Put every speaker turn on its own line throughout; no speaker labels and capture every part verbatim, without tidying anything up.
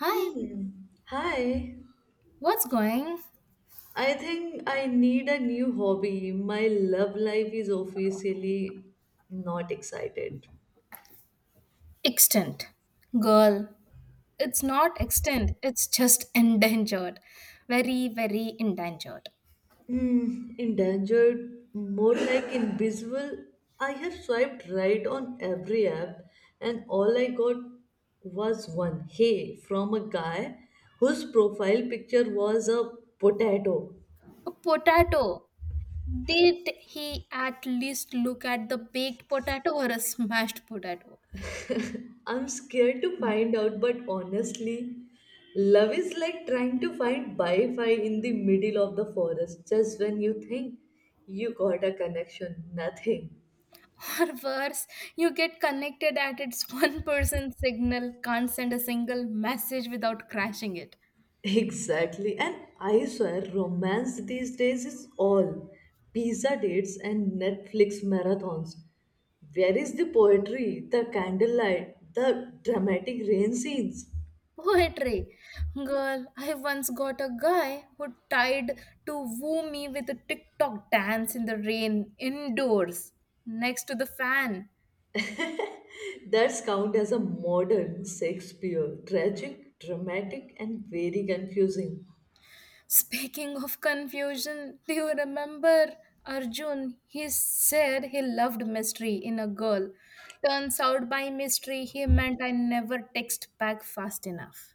Hi,
Hmm. Hi.
what's going?
I think I need a new hobby. My love life is officially not excited.
Extinct. Girl, it's not extinct, it's just endangered. Very, very endangered.
Hmm. Endangered, more like invisible. I have swiped right on every app, and all I got was one hey from a guy whose profile picture was a potato.
A potato. Did he at least look at the baked potato or a smashed potato?
I'm scared to find out, but honestly, love is like trying to find Wi Fi in the middle of the forest just when you think you got a connection. Nothing.
Or worse, you get connected at its one person signal, can't send a single message without crashing it.
Exactly. And I swear, romance these days is all pizza dates and Netflix marathons. Where is the poetry, the candlelight, the dramatic rain scenes?
Poetry. Girl, I once got a guy who tried to woo me with a TikTok dance in the rain, indoors, next to the fan.
That's count as a modern Shakespeare. Tragic, dramatic, and very confusing.
Speaking of confusion, do you remember Arjun? He said he loved mystery in a girl. Turns out by mystery, he meant I never text back fast enough.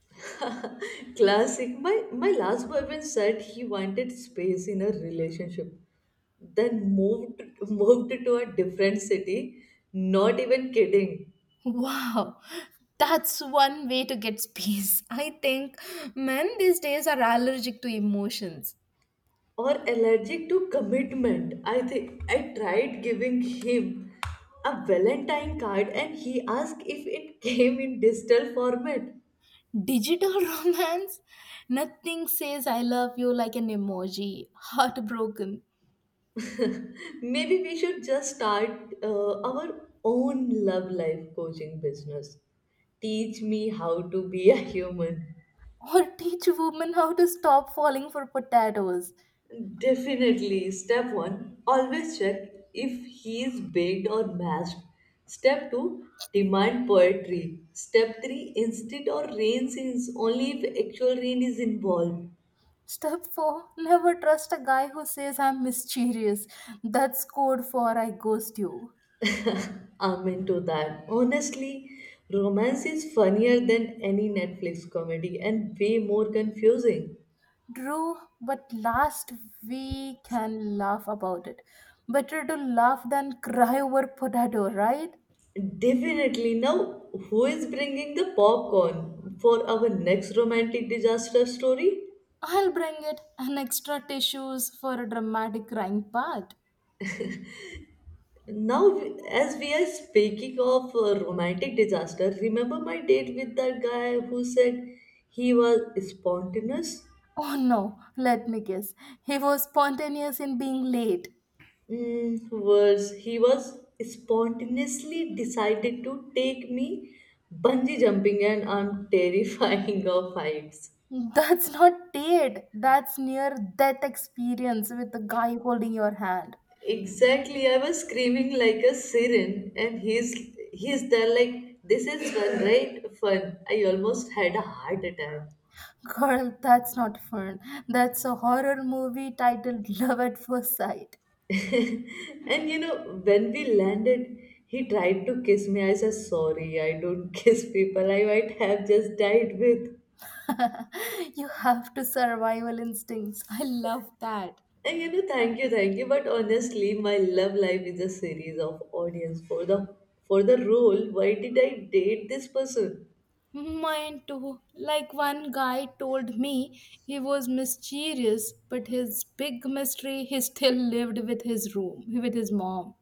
Classic. My my last boyfriend said he wanted space in a relationship. Then moved moved to a different city. Not even kidding.
Wow, that's one way to get space. I think men these days are allergic to emotions.
Or allergic to commitment. I think I tried giving him a Valentine card and he asked if it came in digital format.
Digital romance? Nothing says I love you like an emoji, heartbroken.
Maybe we should just start uh, our own love life coaching business. Teach me how to be a human.
Or teach women how to stop falling for potatoes.
Definitely. Step one, always check if he's baked or mashed. Step two, demand poetry. Step three, instant or rain scenes, only if actual rain is involved.
Step four, never trust a guy who says I'm mysterious. That's code for I ghost you.
I'm into that. Honestly, romance is funnier than any Netflix comedy and way more confusing.
True, but last we can laugh about it. Better to laugh than cry over potato, right?
Definitely. Now, who is bringing the popcorn for our next romantic disaster story?
I'll bring it an extra tissues for a dramatic crying part.
Now, as we are speaking of uh, romantic disaster, remember my date with that guy who said he was spontaneous?
Oh no, let me guess. He was spontaneous in being late.
Mm, worse, he was spontaneously decided to take me bungee jumping, and I'm terrifying of heights.
That's not date. That's near death experience with the guy holding your hand.
Exactly. I was screaming like a siren, and he's he's there like this is fun, right? Fun. I almost had a heart attack.
Girl, that's not fun. That's a horror movie titled Love at First Sight.
And you know, when we landed, he tried to kiss me. I said, sorry, I don't kiss people. I might have just died with.
You have to survival instincts. I love that.
And you know, thank you, thank you. But honestly, my love life is a series of audience for the for the role. Why did I date this person?
Mine too. Like one guy told me he was mysterious, but his big mystery he still lived with his room with his mom.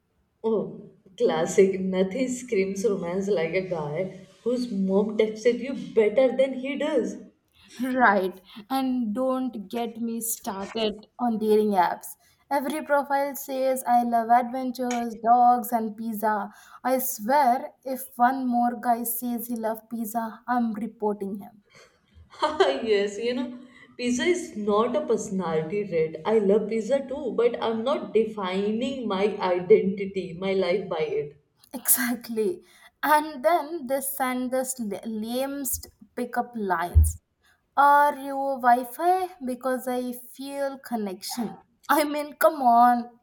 Oh, classic. Nothing screams romance like a guy whose mom texted you better than he does.
Right. And don't get me started on dating apps. Every profile says, I love adventures, dogs, and pizza. I swear, if one more guy says he loves pizza, I'm reporting him.
Yes, you know, pizza is not a personality trait. I love pizza too, but I'm not defining my identity, my life by it.
Exactly. And then they send this la- lamest pickup lines. Are you Wi Fi? Because I feel connection. I mean, come on.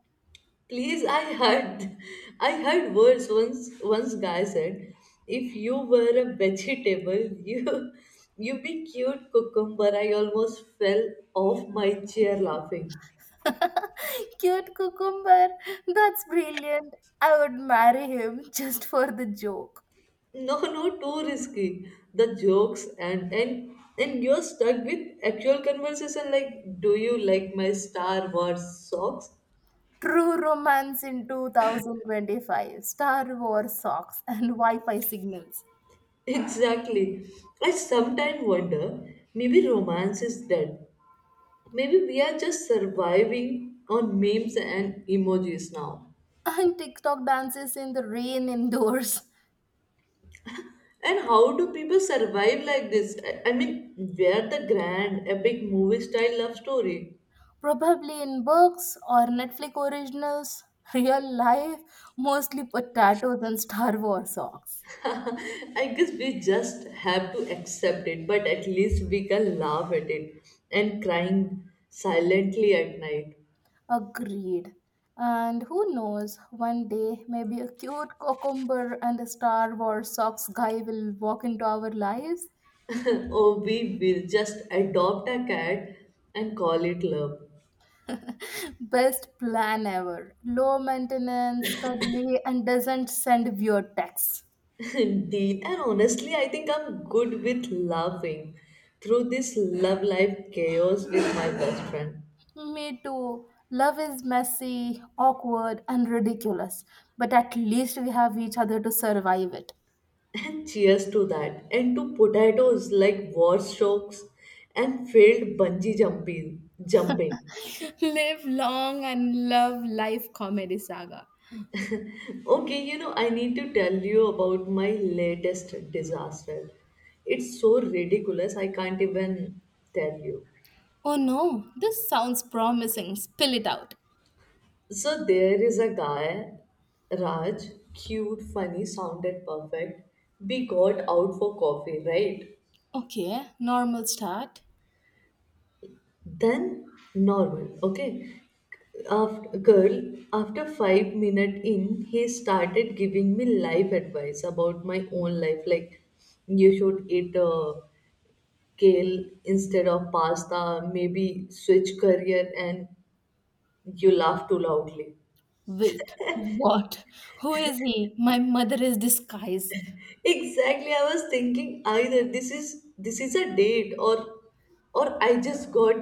Please, I heard, I heard words once. Once guy said, if you were a vegetable, you, you be cute cucumber. I almost fell off my chair laughing.
Cute cucumber. That's brilliant. I would marry him just for the joke.
No, no, too risky. The jokes and and and you're stuck with actual conversation like, do you like my Star Wars socks?
True romance in two thousand twenty-five. Star Wars socks and Wi Fi signals.
Exactly. I sometimes wonder, maybe romance is dead. Maybe we are just surviving on memes and emojis now.
And TikTok dances in the rain indoors.
And how do people survive like this? I, I mean, where the grand, epic movie style love story?
Probably in books or Netflix originals. Real life, mostly potatoes and Star Wars socks.
I guess we just have to accept it, but at least we can laugh at it and crying silently at night.
Agreed. And who knows, one day maybe a cute cucumber and a Star Wars socks guy will walk into our lives.
Or we will just adopt a cat and call it love.
Best plan ever. Low maintenance, cuddly, and doesn't send weird texts.
Indeed, and honestly, I think I'm good with laughing through this love life chaos with my best friend.
Me too. Love is messy, awkward, and ridiculous, but at least we have each other to survive it.
And cheers to that, and to potatoes like war strokes and failed bungee jumping. jumping.
Live long and love life comedy saga.
Okay, you know, I need to tell you about my latest disaster. It's so ridiculous, I can't even tell you.
Oh no, this sounds promising. Spill it out.
So, there is a guy, Raj, cute, funny, sounded perfect. We got out for coffee, right?
Okay, normal start.
Then, normal, okay? After, girl, after five minutes in, he started giving me life advice about my own life, like you should eat. Uh, kale instead of pasta, maybe switch career and you laugh too loudly.
Wait, what? Who is he? My mother is disguised.
Exactly, I was thinking either this is this is a date or or I just got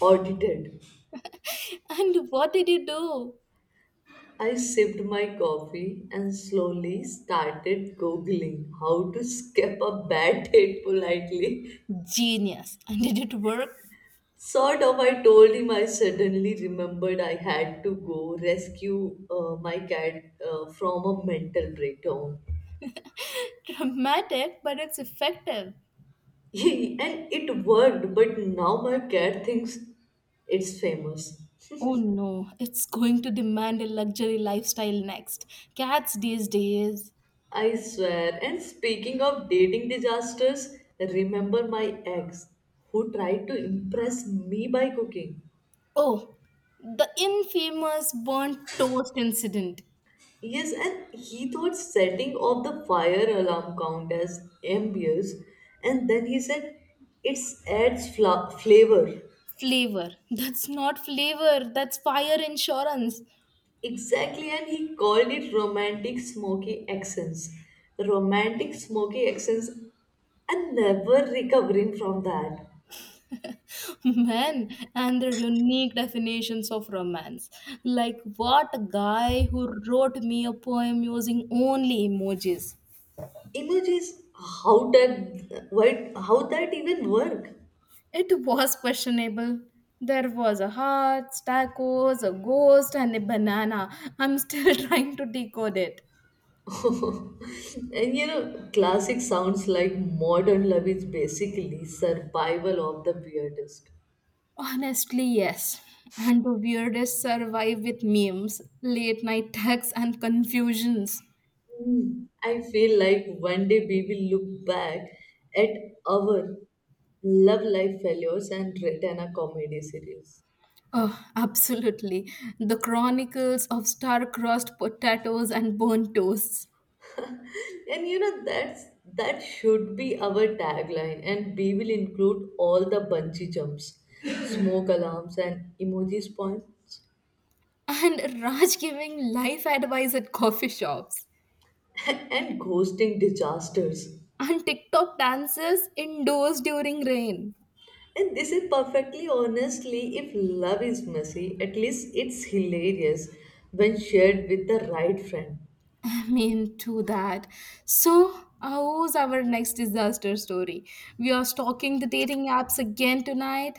audited.
And what did you do?
I sipped my coffee and slowly started googling how to skip a bad date politely.
Genius. And did it work?
Sort of, I told him I suddenly remembered I had to go rescue uh, my cat uh, from a mental breakdown.
Dramatic, but it's effective.
And it worked, but now my cat thinks it's famous.
Oh no, it's going to demand a luxury lifestyle next. Cats these days.
I swear. And speaking of dating disasters, remember my ex who tried to impress me by cooking.
Oh, the infamous burnt toast incident.
Yes, and he thought setting off the fire alarm count as ambience, and then he said it's adds fla- flavor.
Flavor. That's not flavor, that's fire insurance.
Exactly, and he called it romantic smoky accents. Romantic smoky accents and never recovering from that.
Men and their unique definitions of romance. Like, what a guy who wrote me a poem using only emojis.
Emojis, how that, why, how that even work?
It was questionable. There was a heart, tacos, a ghost, and a banana. I'm still trying to decode it.
And you know, classic sounds like modern love is basically survival of the weirdest.
Honestly, yes. And the weirdest survive with memes, late night texts, and confusions.
Hmm, I feel like one day we will look back at our love life failures and return a comedy series.
Oh, absolutely. The chronicles of star-crossed potatoes and burnt toasts.
And you know that's that should be our tagline and we will include all the bungee jumps, smoke alarms and emoji spawns
And Raj giving life advice at coffee shops.
and ghosting disasters.
And TikTok dances indoors during rain.
And this is perfectly honestly if love is messy, at least it's hilarious when shared with the right friend.
I mean, to that. So, how's our next disaster story? We are stalking the dating apps again tonight?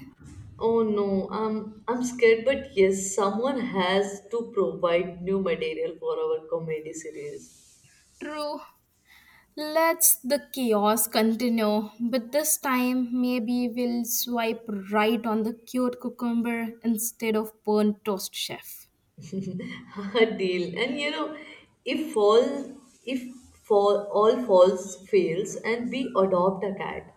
Oh no, I'm I'm scared but yes, someone has to provide new material for our comedy series.
True. Let's the chaos continue, but this time maybe we'll swipe right on the cute cucumber instead of burnt toast chef.
Deal and you know if fall if fall all falls fails and we adopt a cat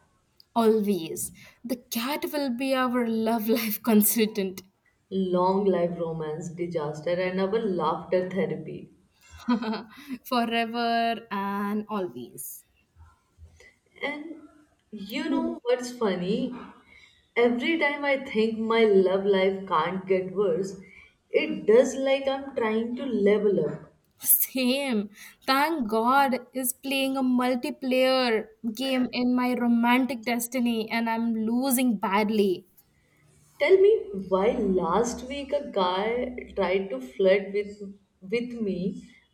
Always. The cat will be our love life consultant.
long life romance disaster and our laughter therapy
Forever and always.
and you know what's funny every time I think my love life can't get worse it does like I'm trying to level up
Same. Thank God is playing a multiplayer game in my romantic destiny and I'm losing badly.
tell me why last week a guy tried to flirt with with me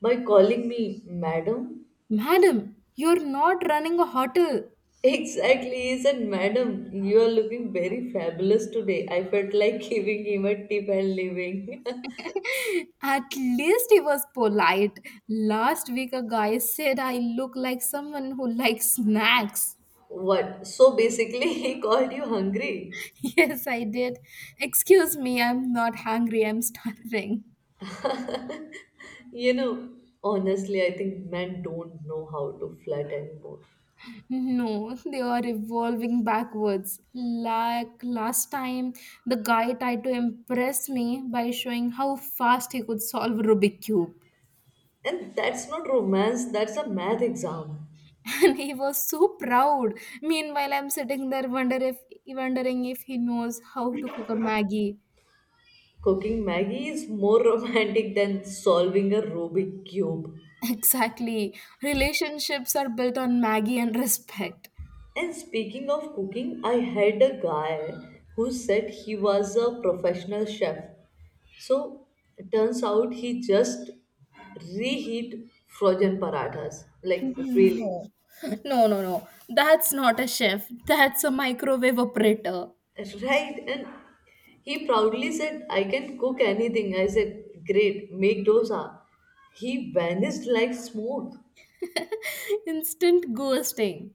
by calling me madam.
Madam, you're not running a hotel.
Exactly, he said, Madam, you are looking very fabulous today. I felt like giving him a tip and leaving.
At least he was polite. Last week, a guy said I look like someone who likes snacks.
What? So basically, he called you hungry.
Yes, I did. Excuse me, I'm not hungry, I'm starving.
You know, honestly, I think men don't know how to flirt anymore.
No, they are evolving backwards. Like last time, the guy tried to impress me by showing how fast he could solve Rubik's cube.
And that's not romance, that's a math exam.
And he was so proud. Meanwhile, I'm sitting there wonder if, wondering if he knows how to cook a Maggie.
Cooking Maggie is more romantic than solving a Rubik cube.
Exactly. Relationships are built on Maggie and respect.
And speaking of cooking, I had a guy who said he was a professional chef. So it turns out he just reheat frozen parathas like freely.
No, no, no, no. That's not a chef. That's a microwave operator.
Right? And he proudly said, I can cook anything. I said, Great, make dosa. He vanished like smoke.
Instant ghosting.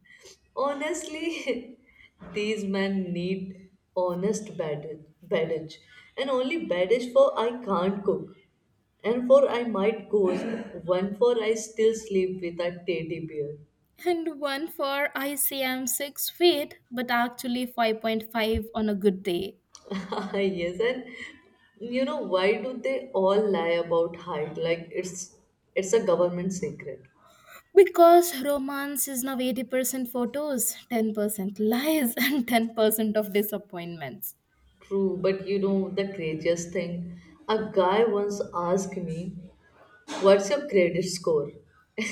Honestly, these men need honest baggage, baggage and only baggage for I can't cook and for I might ghost, one for I still sleep with a teddy bear.
And one for I say I'm six feet, but actually five point five on a good day.
Yes, and you know why do they all lie about height? Like it's it's a government secret.
Because romance is now eighty percent photos, ten percent lies, and ten percent of disappointments.
True, but you know the craziest thing? A guy once asked me, "What's your credit score?"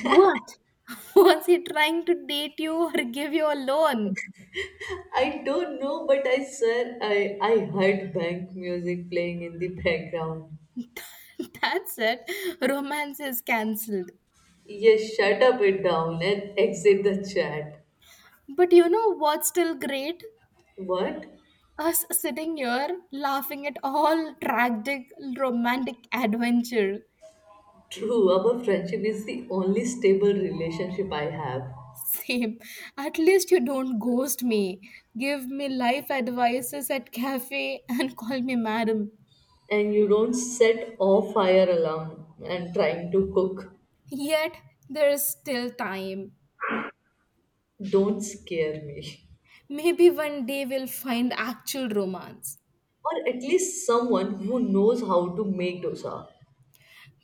What? Was he trying to date you or give you a loan?
I don't know, but I swear I I heard bank music playing in the background.
That's it. Romance is cancelled.
Yes, shut up it down and exit the chat.
But you know what's still great?
What?
Us sitting here laughing at all tragic romantic adventure.
True, our friendship is the only stable relationship I have.
Same. At least you don't ghost me. Give me life advices at cafe and call me madam.
And you don't set off fire alarm and trying to cook.
Yet there is still time.
Don't scare me.
Maybe one day we'll find actual romance.
Or at least someone who knows how to make dosa.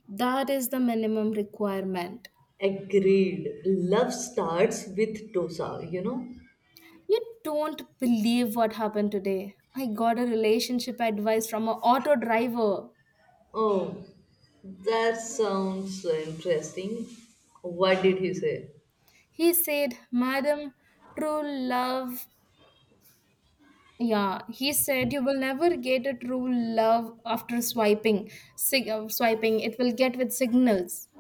That is the minimum requirement.
Agreed, love starts with dosa you know.
You don't believe what happened today. I got a relationship advice from an auto driver.
Oh, that sounds so interesting. What did he say?
He said, Madam, true love. Yeah, he said you will never get a true love after swiping. Sig- uh, swiping, it will get with signals.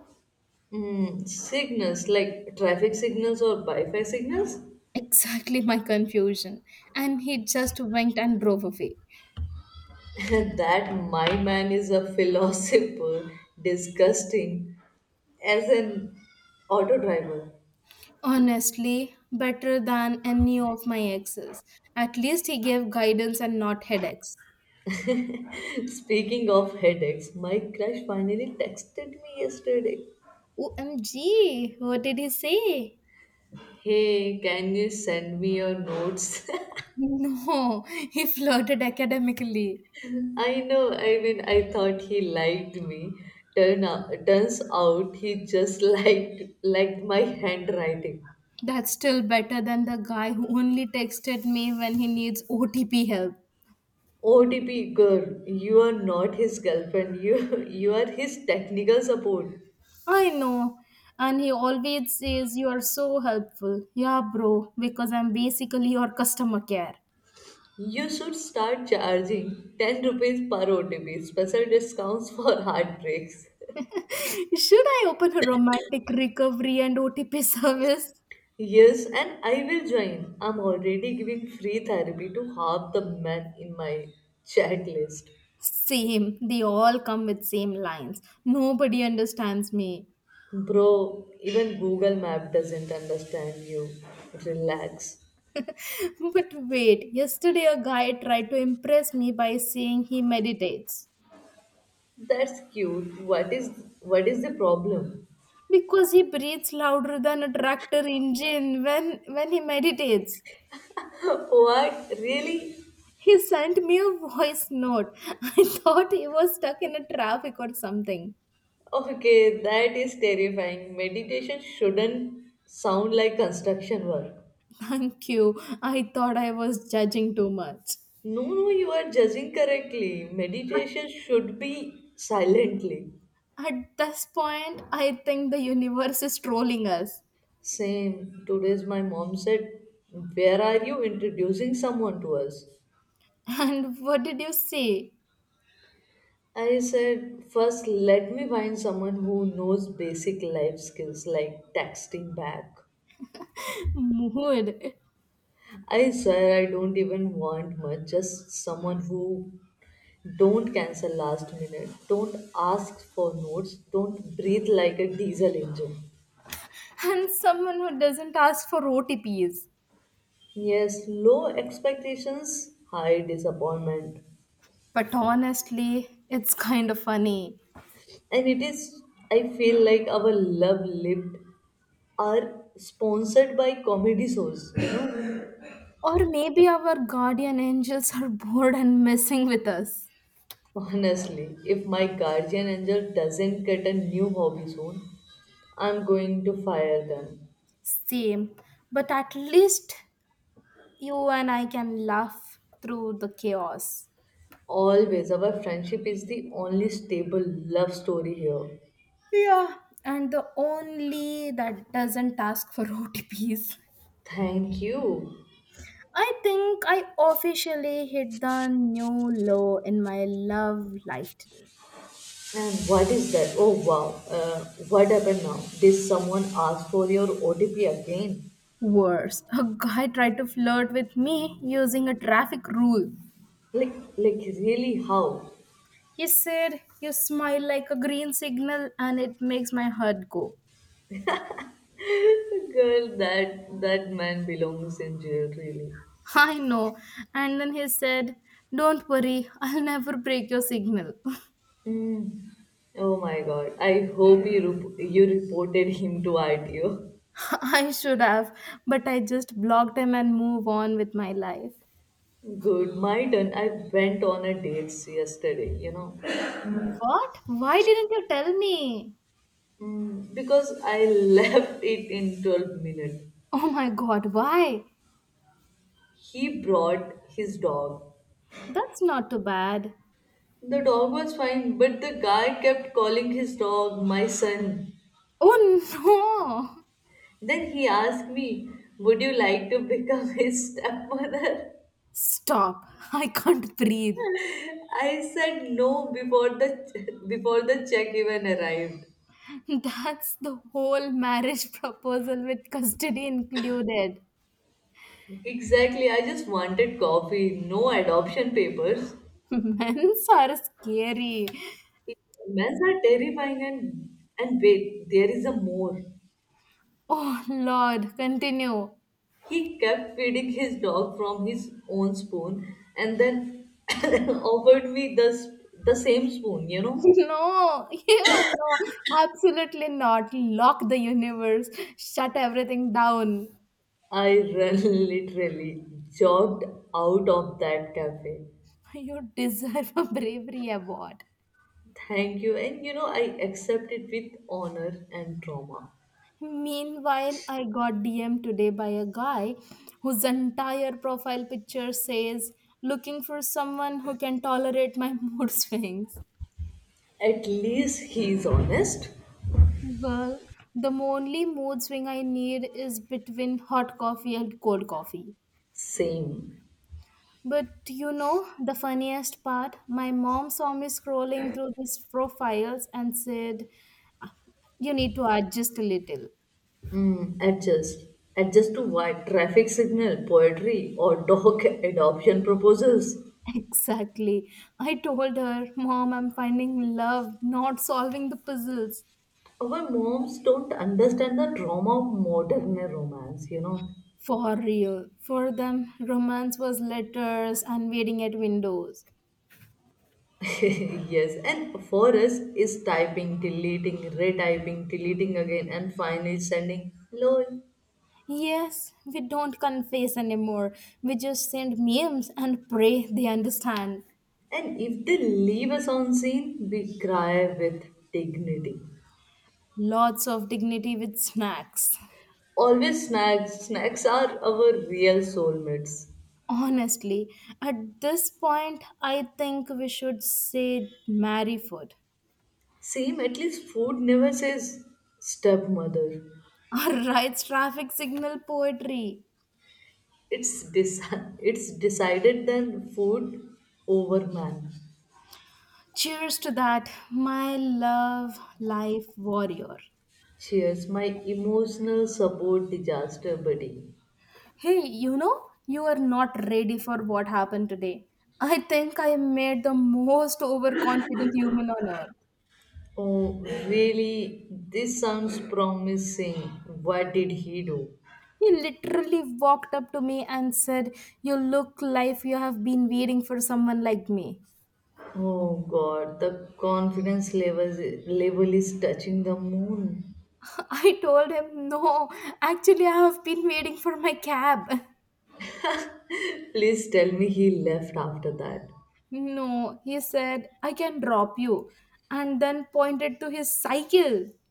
Hmm, signals like traffic signals or Wi-Fi signals?
Exactly my confusion. And he just winked and drove away.
That my man is a philosopher. Disgusting. As an auto driver.
Honestly, better than any of my exes. At least he gave guidance and not headaches.
Speaking of headaches, my crush finally texted me yesterday.
O M G, what did he say?
Hey, can you send me your notes?
No, he flirted academically.
I know, I mean, I thought he liked me. Turn out, turns out he just liked liked my handwriting.
That's still better than the guy who only texted me when he needs O T P help.
O T P girl, you are not his girlfriend. You you are his technical support.
I know. And he always says you are so helpful. Yeah, bro, because I'm basically your customer care.
You should start charging ten rupees per O T P, special discounts for heartbreaks.
Should I open a romantic recovery and O T P service?
Yes, and I will join. I'm already giving free therapy to half the men in my chat list.
Same. They all come with same lines. Nobody understands me.
Bro, even Google Map doesn't understand you. Relax.
But wait, yesterday a guy tried to impress me by saying he meditates
That's cute. What is what is the problem?
because he breathes louder than a tractor engine when when he meditates.
What? Really?
He sent me a voice note. I thought he was stuck in a traffic or something.
Okay, that is terrifying. Meditation shouldn't sound like construction work.
Thank you. I thought I was judging too much.
No, no, you are judging correctly. Meditation should be silently.
At this point, I think the universe is trolling us.
Same. Today's my mom said, Where are you introducing someone to us?
And what did you say?
I said, "First, let me find someone who knows basic life skills like texting back.
Mood.
I swear I don't even want much, just someone who don't cancel last minute, don't ask for notes, don't breathe like a diesel engine.
And someone who doesn't ask for O T Ps.
Yes, low expectations, high disappointment.
But honestly, it's kind of funny.
And it is, I feel like our love lived are sponsored by comedy shows.
Or maybe our guardian angels are bored and messing with us.
Honestly, if my guardian angel doesn't get a new hobby soon, I'm going to fire them.
Same. But at least you and I can laugh through the chaos.
Always, our friendship is the only stable love story here.
Yeah. And the only that doesn't ask for O T Ps.
Thank you.
I think I officially hit the new low in my love life today.
And what is that? Oh wow, uh, what happened now? Did someone ask for your O T P again?
Worse, a guy tried to flirt with me using a traffic rule.
Like, like really how?
He said, You smile like a green signal and it makes my heart go.
Girl, that that man belongs in jail, really.
I know. And then he said, Don't worry, I'll never break your signal.
Mm. Oh my god. I hope you, rep- you reported him to R T O.
I should have, but I just blocked him and move on with my life.
Good, my turn. I went on a date yesterday, you know.
What? Why didn't you tell me?
Mm, because I left it in twelve minutes.
Oh my god, why?
He brought his dog.
That's not too bad.
The dog was fine, but the guy kept calling his dog my son.
Oh no!
Then he asked me, Would you like to become his stepmother?
Stop. I can't breathe.
I said no before the before the check even arrived.
That's the whole marriage proposal with custody included.
Exactly, I just wanted coffee, no adoption papers.
Men's are scary.
Men are terrifying and and wait, there is a more.
Oh Lord, continue.
He kept feeding his dog from his own spoon and then offered me the, s- the same spoon, you know.
No, you no, absolutely not. Lock the universe, shut everything down.
I ran literally jogged out of that cafe.
You deserve a bravery award.
Thank you. And you know, I accept it with honor and trauma.
Meanwhile, I got dm today by a guy whose entire profile picture says, looking for someone who can tolerate my mood swings.
At least he's honest.
Girl, the only mood swing I need is between hot coffee and cold coffee.
Same.
But you know the funniest part? My mom saw me scrolling through these profiles and said, You need to adjust a little.
Adjust. Adjust to what? Traffic signal, poetry, or dog adoption proposals.
Exactly. I told her, Mom, I'm finding love, not solving the puzzles.
Our moms don't understand the trauma of modern romance, you know.
For real. For them, romance was letters and waiting at windows.
Yes, and for us is typing, deleting, retyping, deleting again, and finally sending lol.
Yes, we don't confess anymore. We just send memes and pray they understand.
And if they leave us on scene, we cry with dignity.
Lots of dignity with snacks.
Always snacks. Snacks are our real soulmates.
Honestly, at this point, I think we should say marry food
Same, at least food never says stepmother.
or write traffic signal poetry.
It's deci- it's decided then, food over man.
Cheers to that, my love, life warrior.
Cheers, my emotional support disaster buddy.
Hey, you know, you are not ready for what happened today. I think I made the most overconfident human on earth.
Oh, really? This sounds promising. What did he do?
He literally walked up to me and said, You look like you have been waiting for someone like me.
Oh God, the confidence level level is touching the moon.
I told him, No, actually, I have been waiting for my cab.
Please tell me he left after that.
No, he said, I can drop you. And then pointed to his cycle.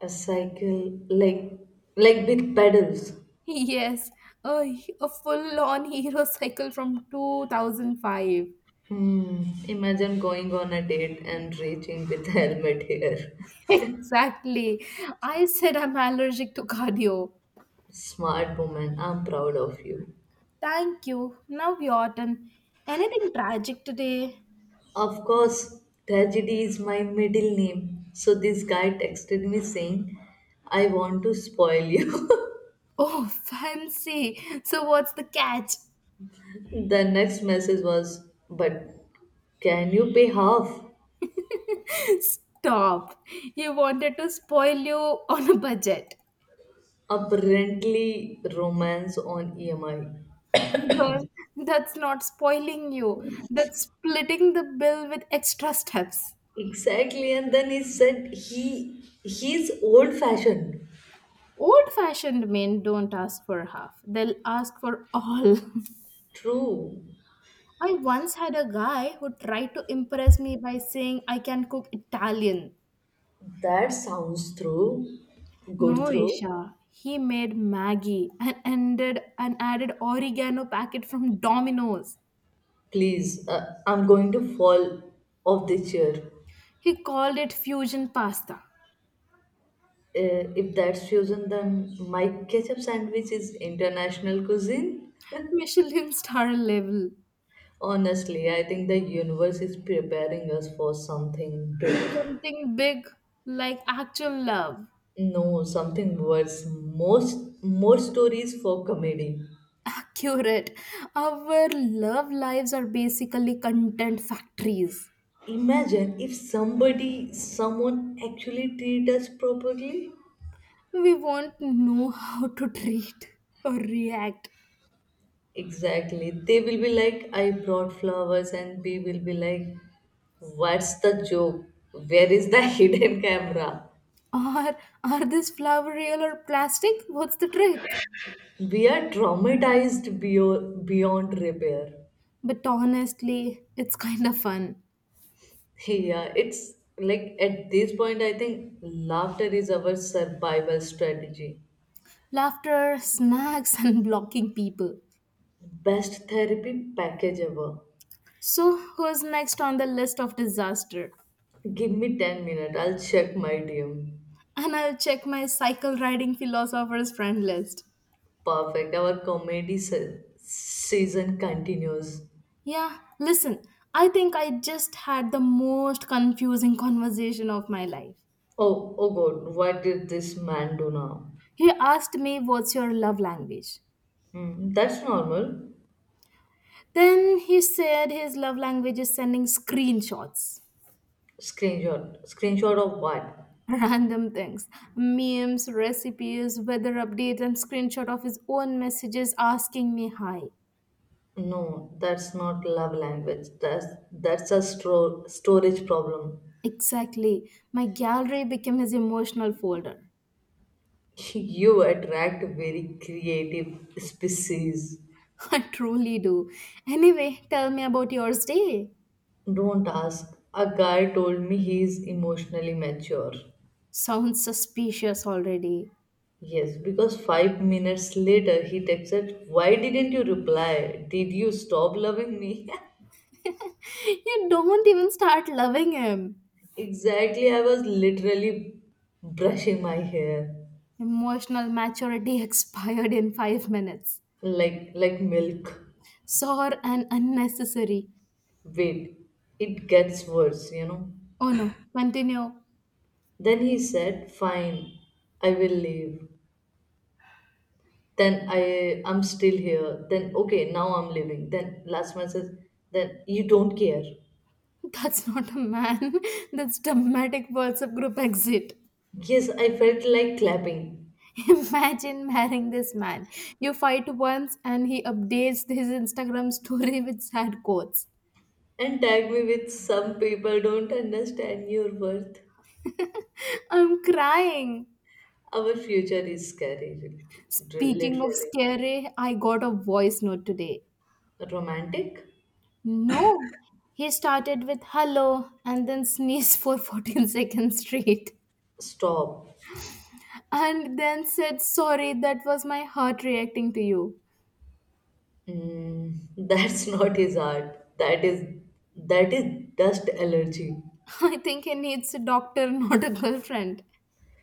A cycle like like with pedals.
Yes, a, a full on hero cycle from two thousand five.
Hmm. Imagine going on a date and reaching with helmet here.
Exactly. I said I'm allergic to cardio.
Smart woman, I'm proud of you.
Thank you. Now your turn. Anything tragic today?
Of course, tragedy is my middle name. So this guy texted me saying, I want to spoil you.
Oh, fancy. So, what's the catch?
The next message was, but can you pay half?
Stop. He wanted to spoil you on a budget.
Apparently, romance on E M I.
Girl, that's not spoiling you. That's splitting the bill with extra steps.
Exactly, and then he said he he's old fashioned.
Old fashioned men don't ask for half, they'll ask for all.
True.
I once had a guy who tried to impress me by saying I can cook Italian.
That sounds true. Good
No,
through.
Isha. He made Maggie and ended and added oregano packet from Domino's.
Please, uh, I'm going to fall off the chair.
He called it fusion pasta.
Uh, if that's fusion, then my ketchup sandwich is international cuisine.
Michelin star level.
Honestly, I think the universe is preparing us for something. bet-
Something big like actual love.
No, something worse. Most More stories for comedy.
Accurate. Our love lives are basically content factories.
Imagine if somebody, someone actually treat us properly.
We won't know how to treat or react.
Exactly. They will be like, I brought flowers, and we will be like, what's the joke? Where is the hidden camera?
Or are this flower real or plastic? What's the trick?
We are traumatized beyond, beyond repair.
But honestly, it's kind of fun.
Yeah, it's like at this point I think laughter is our survival strategy,
Laughter, snacks, and blocking people.
best therapy package ever.
So, who's next on the list of disaster?
Give me ten minutes, I'll check my DM.
And I'll check my cycle riding philosopher's friend list.
Perfect, our comedy se- season continues.
Yeah, listen, I think I just had the most confusing conversation of my life.
Oh, oh God, what did this man do now?
He asked me, What's your love language?
Hmm, that's normal.
Then he said his love language is sending screenshots.
Screenshot screenshot of what?
Random things, memes, recipes, weather updates, and screenshot of his own messages asking me hi.
No, that's not love language. That's that's a stro- storage problem.
Exactly. My gallery became his emotional folder.
You attract very creative species.
I truly do. Anyway, tell me about yours day.
Don't ask. A guy told me he is emotionally mature.
Sounds suspicious already.
Yes, because five minutes later he texted, why didn't you reply? Did you stop loving me?
You don't even start loving him.
Exactly, I was literally brushing my hair
Emotional maturity expired in five minutes.
like like milk.
Sore and unnecessary.
Wait, it gets worse, you know.
Oh no, continue.
Then he said, fine, I will leave. Then I I'm still here. Then okay, now I'm leaving. Then last man says, then you don't care.
That's not a man. That's dramatic WhatsApp group exit.
Yes, I felt like clapping.
Imagine marrying this man. You fight once and he updates his Instagram story with sad quotes.
And tag me with some people don't understand your worth.
I'm crying.
Our future is scary,
Speaking of
literally.
scary, I got a voice note today.
Romantic?
No, he started with hello and then sneezed for fourteen seconds straight
Stop.
and then said, Sorry, that was my heart reacting to you.
Mm, that's not his art. That is that is dust allergy.
I think he needs a doctor, not a girlfriend.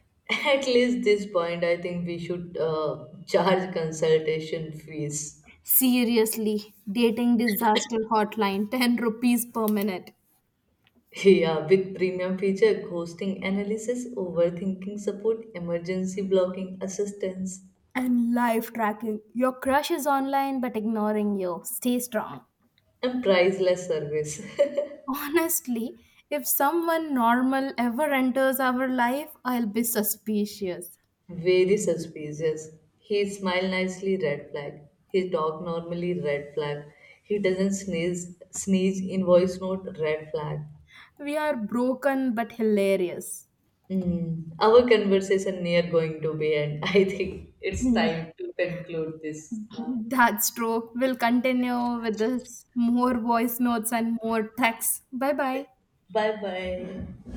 At least this point, I think we should uh, charge consultation fees.
Seriously, dating disaster hotline ten rupees per minute.
Yeah, with premium feature, ghosting analysis, overthinking support, emergency blocking assistance,
And life tracking. Your crush is online but ignoring you. Stay strong.
and priceless service.
Honestly, if someone normal ever enters our life, I'll be suspicious.
Very suspicious. He smiled nicely, red flag. He talk normally, red flag. He doesn't sneeze, sneeze in voice note, red flag.
We are broken but hilarious.
Mm. Our conversation near going to be end. I think it's time to conclude this
Yeah.
now.
That's true. We'll continue with this more voice notes and more texts. Bye bye.
Bye bye.